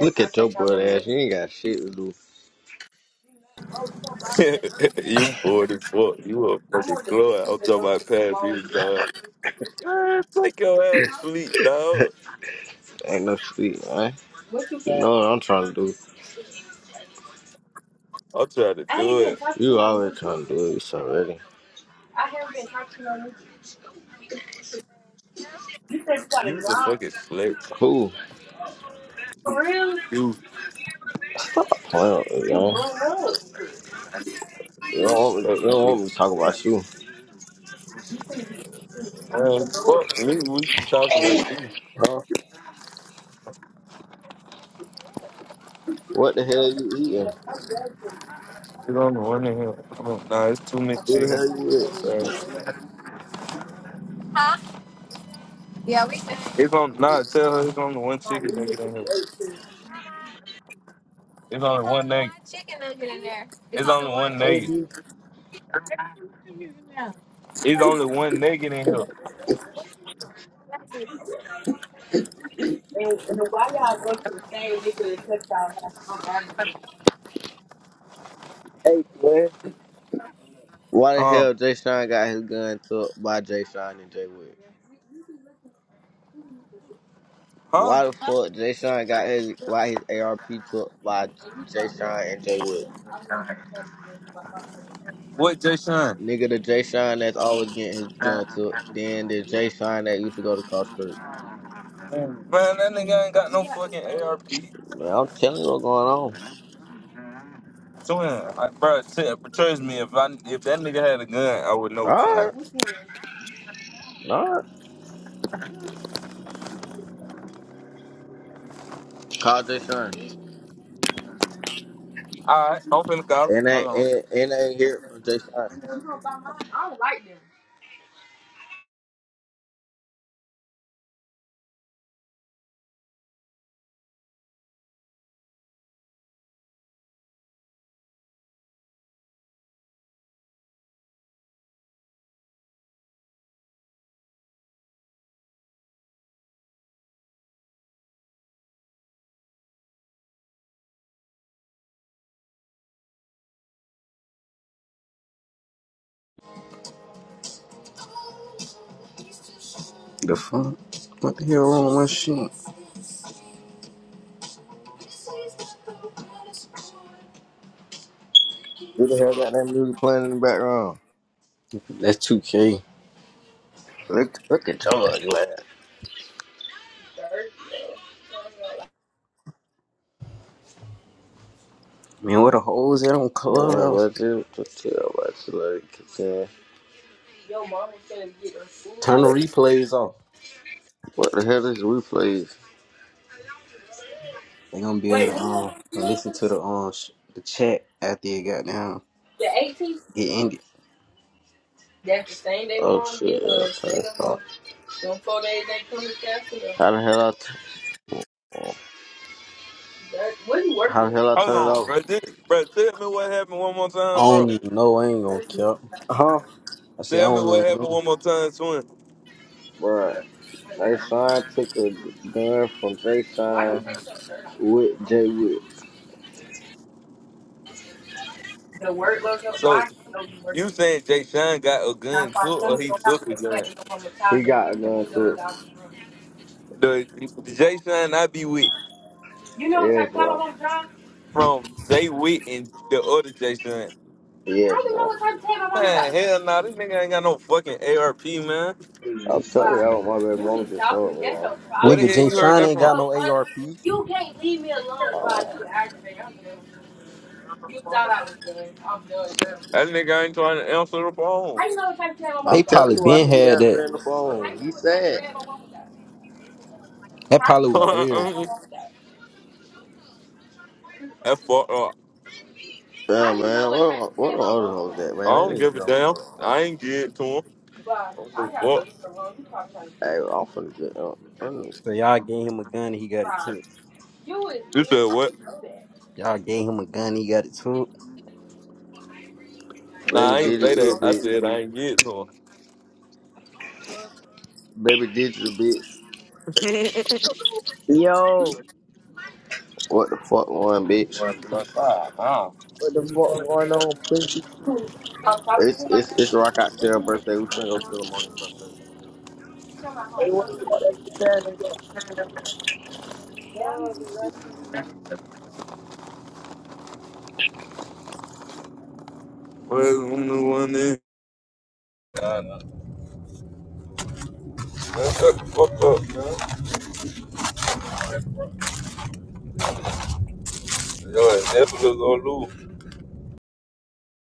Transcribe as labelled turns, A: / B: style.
A: Look at your butt ass. You ain't got shit to do.
B: you bored as fuck. You a fucking club. I'm talking about past you, dog. Man, take your ass to sleep, dog.
A: Ain't no sleep, man. What you, you know what I'm trying to do.
B: I'm trying to
A: I ain't
B: do
A: been
B: it.
A: talking You to you. always trying to do this already.
B: You was a fucking slick.
A: Cool.
B: You,
A: Playing with me, man. You
B: you a
A: don't want me,
B: slick
A: you don't want me to talk
B: bitch.
A: about you.
B: Man, fuck me. We talking about you.
A: Huh? What the hell you eating?
B: It's on the one in here. Oh, nah, it's two many
A: Who the
B: chicken.
A: hell
B: Uh,
A: you with?
B: it's on. Nah, tell her it's on the one chicken nugget in here. It's only one nugget. Chicken nugget in there. It's, only one nugget. It's only one nugget in here.
A: Hey, twin. Why the
B: Huh?
A: hell Jay Sean got his gun took by Jay Sean and Jay Wood?
B: Huh?
A: Why the fuck Jay Sean got his why his ARP took by Jay Sean and Jay Wood?
B: What, Jay
A: Nigga, the Jay Sean that's always getting his gun took. Then the Jay Sean that used to go to Cross Creek.
B: Man, that nigga ain't got no fucking ARP. Twin,
A: Man, I'm telling you what's going on.
B: I, bro, t- trust me, if I if that nigga had a gun, I would know, twin.
A: Alright. Alright. Call Jay Sean.
B: All right, I'm finna call.
A: And
B: Hold
A: they
B: on.
A: and, and they ain't hear it from Jay Sean.
C: The fuck? What the hell wrong with my shit?
A: Who the hell got that music playing in the background?
C: That's 2K.
A: Look, look at your ugly ass.
C: Man, where the hoes at on
A: Man,
C: Clubhouse?
A: what's it to it. What's it like? It's, uh,
C: Turn the replays off.
A: What the hell is replays?
C: They gonna be able to um listen to the um sh- the chat after it got down. Get ended.
A: That's the same they oh, want shit. to Straight up on them four days they come to Capitol. How the hell I t- That- what you working How the hell I
B: Hold
A: turn it
B: on,
A: off?
B: bro. Th- bro, tell me what happened one more
C: I
B: time,
C: don't
B: bro.
C: even know. I ain't gonna kill.
A: Huh,
C: I said I
B: Tell me
C: don't
B: what
C: even
B: happened
C: know.
B: one more time, twin.
A: bro? Jay Sean took a gun from Jay Sean with Jay Witt.
B: So, you saying Jay Sean got a gun too, or he took a gun?
A: He got a gun too.
B: The Jay Sean I be with
A: yeah, bro.
B: from Jay Witt and the other Jay Sean.
A: Yeah, bro.
B: Man, hell nah, this nigga ain't got no fucking ARP, man.
A: I'm sorry, I want my baby mama just told me. bro.
B: Where the
C: Nigga,
B: hell
C: Jay
B: you heard
C: Sean
B: that
C: ain't
B: from?
C: got no ARP.
B: That nigga ain't trying to answer the phone.
A: I'm
C: They
A: telling
C: probably
A: you why he
C: been
A: ain't
C: had that.
A: answering the phone. He sad.
C: That probably was theirs.
B: That's fucked up.
A: Damn, man, what are, what are other hoes at,
B: I
A: man? I
B: don't
A: need to
B: give a
A: get off
B: damn. I
A: clubhouse.
B: ain't get to him. I don't give a fuck.
A: Hey, I'm finna get up. I'm-
C: So y'all gave him a gun and he got it took.
B: You said what?
C: Y'all gave him a gun and he got it took.
B: Nah,
A: Baby
B: I ain't
A: did it,
B: say
A: you
B: that.
A: a
B: I
A: bitch.
B: said I ain't get to him.
A: Baby did you, a bitch.
D: Yo,
A: What the fuck, one bitch?
B: What the fuck? Oh.
D: what the fuck going on, pussy?
A: It's it's it's rock out to her birthday. We finna go kill him on his birthday.
D: Hey, what the fuck that bitch saying?
B: Where's the one that- Nah, nah, man, shut the fuck up, man. Yo, that's what it's gonna do.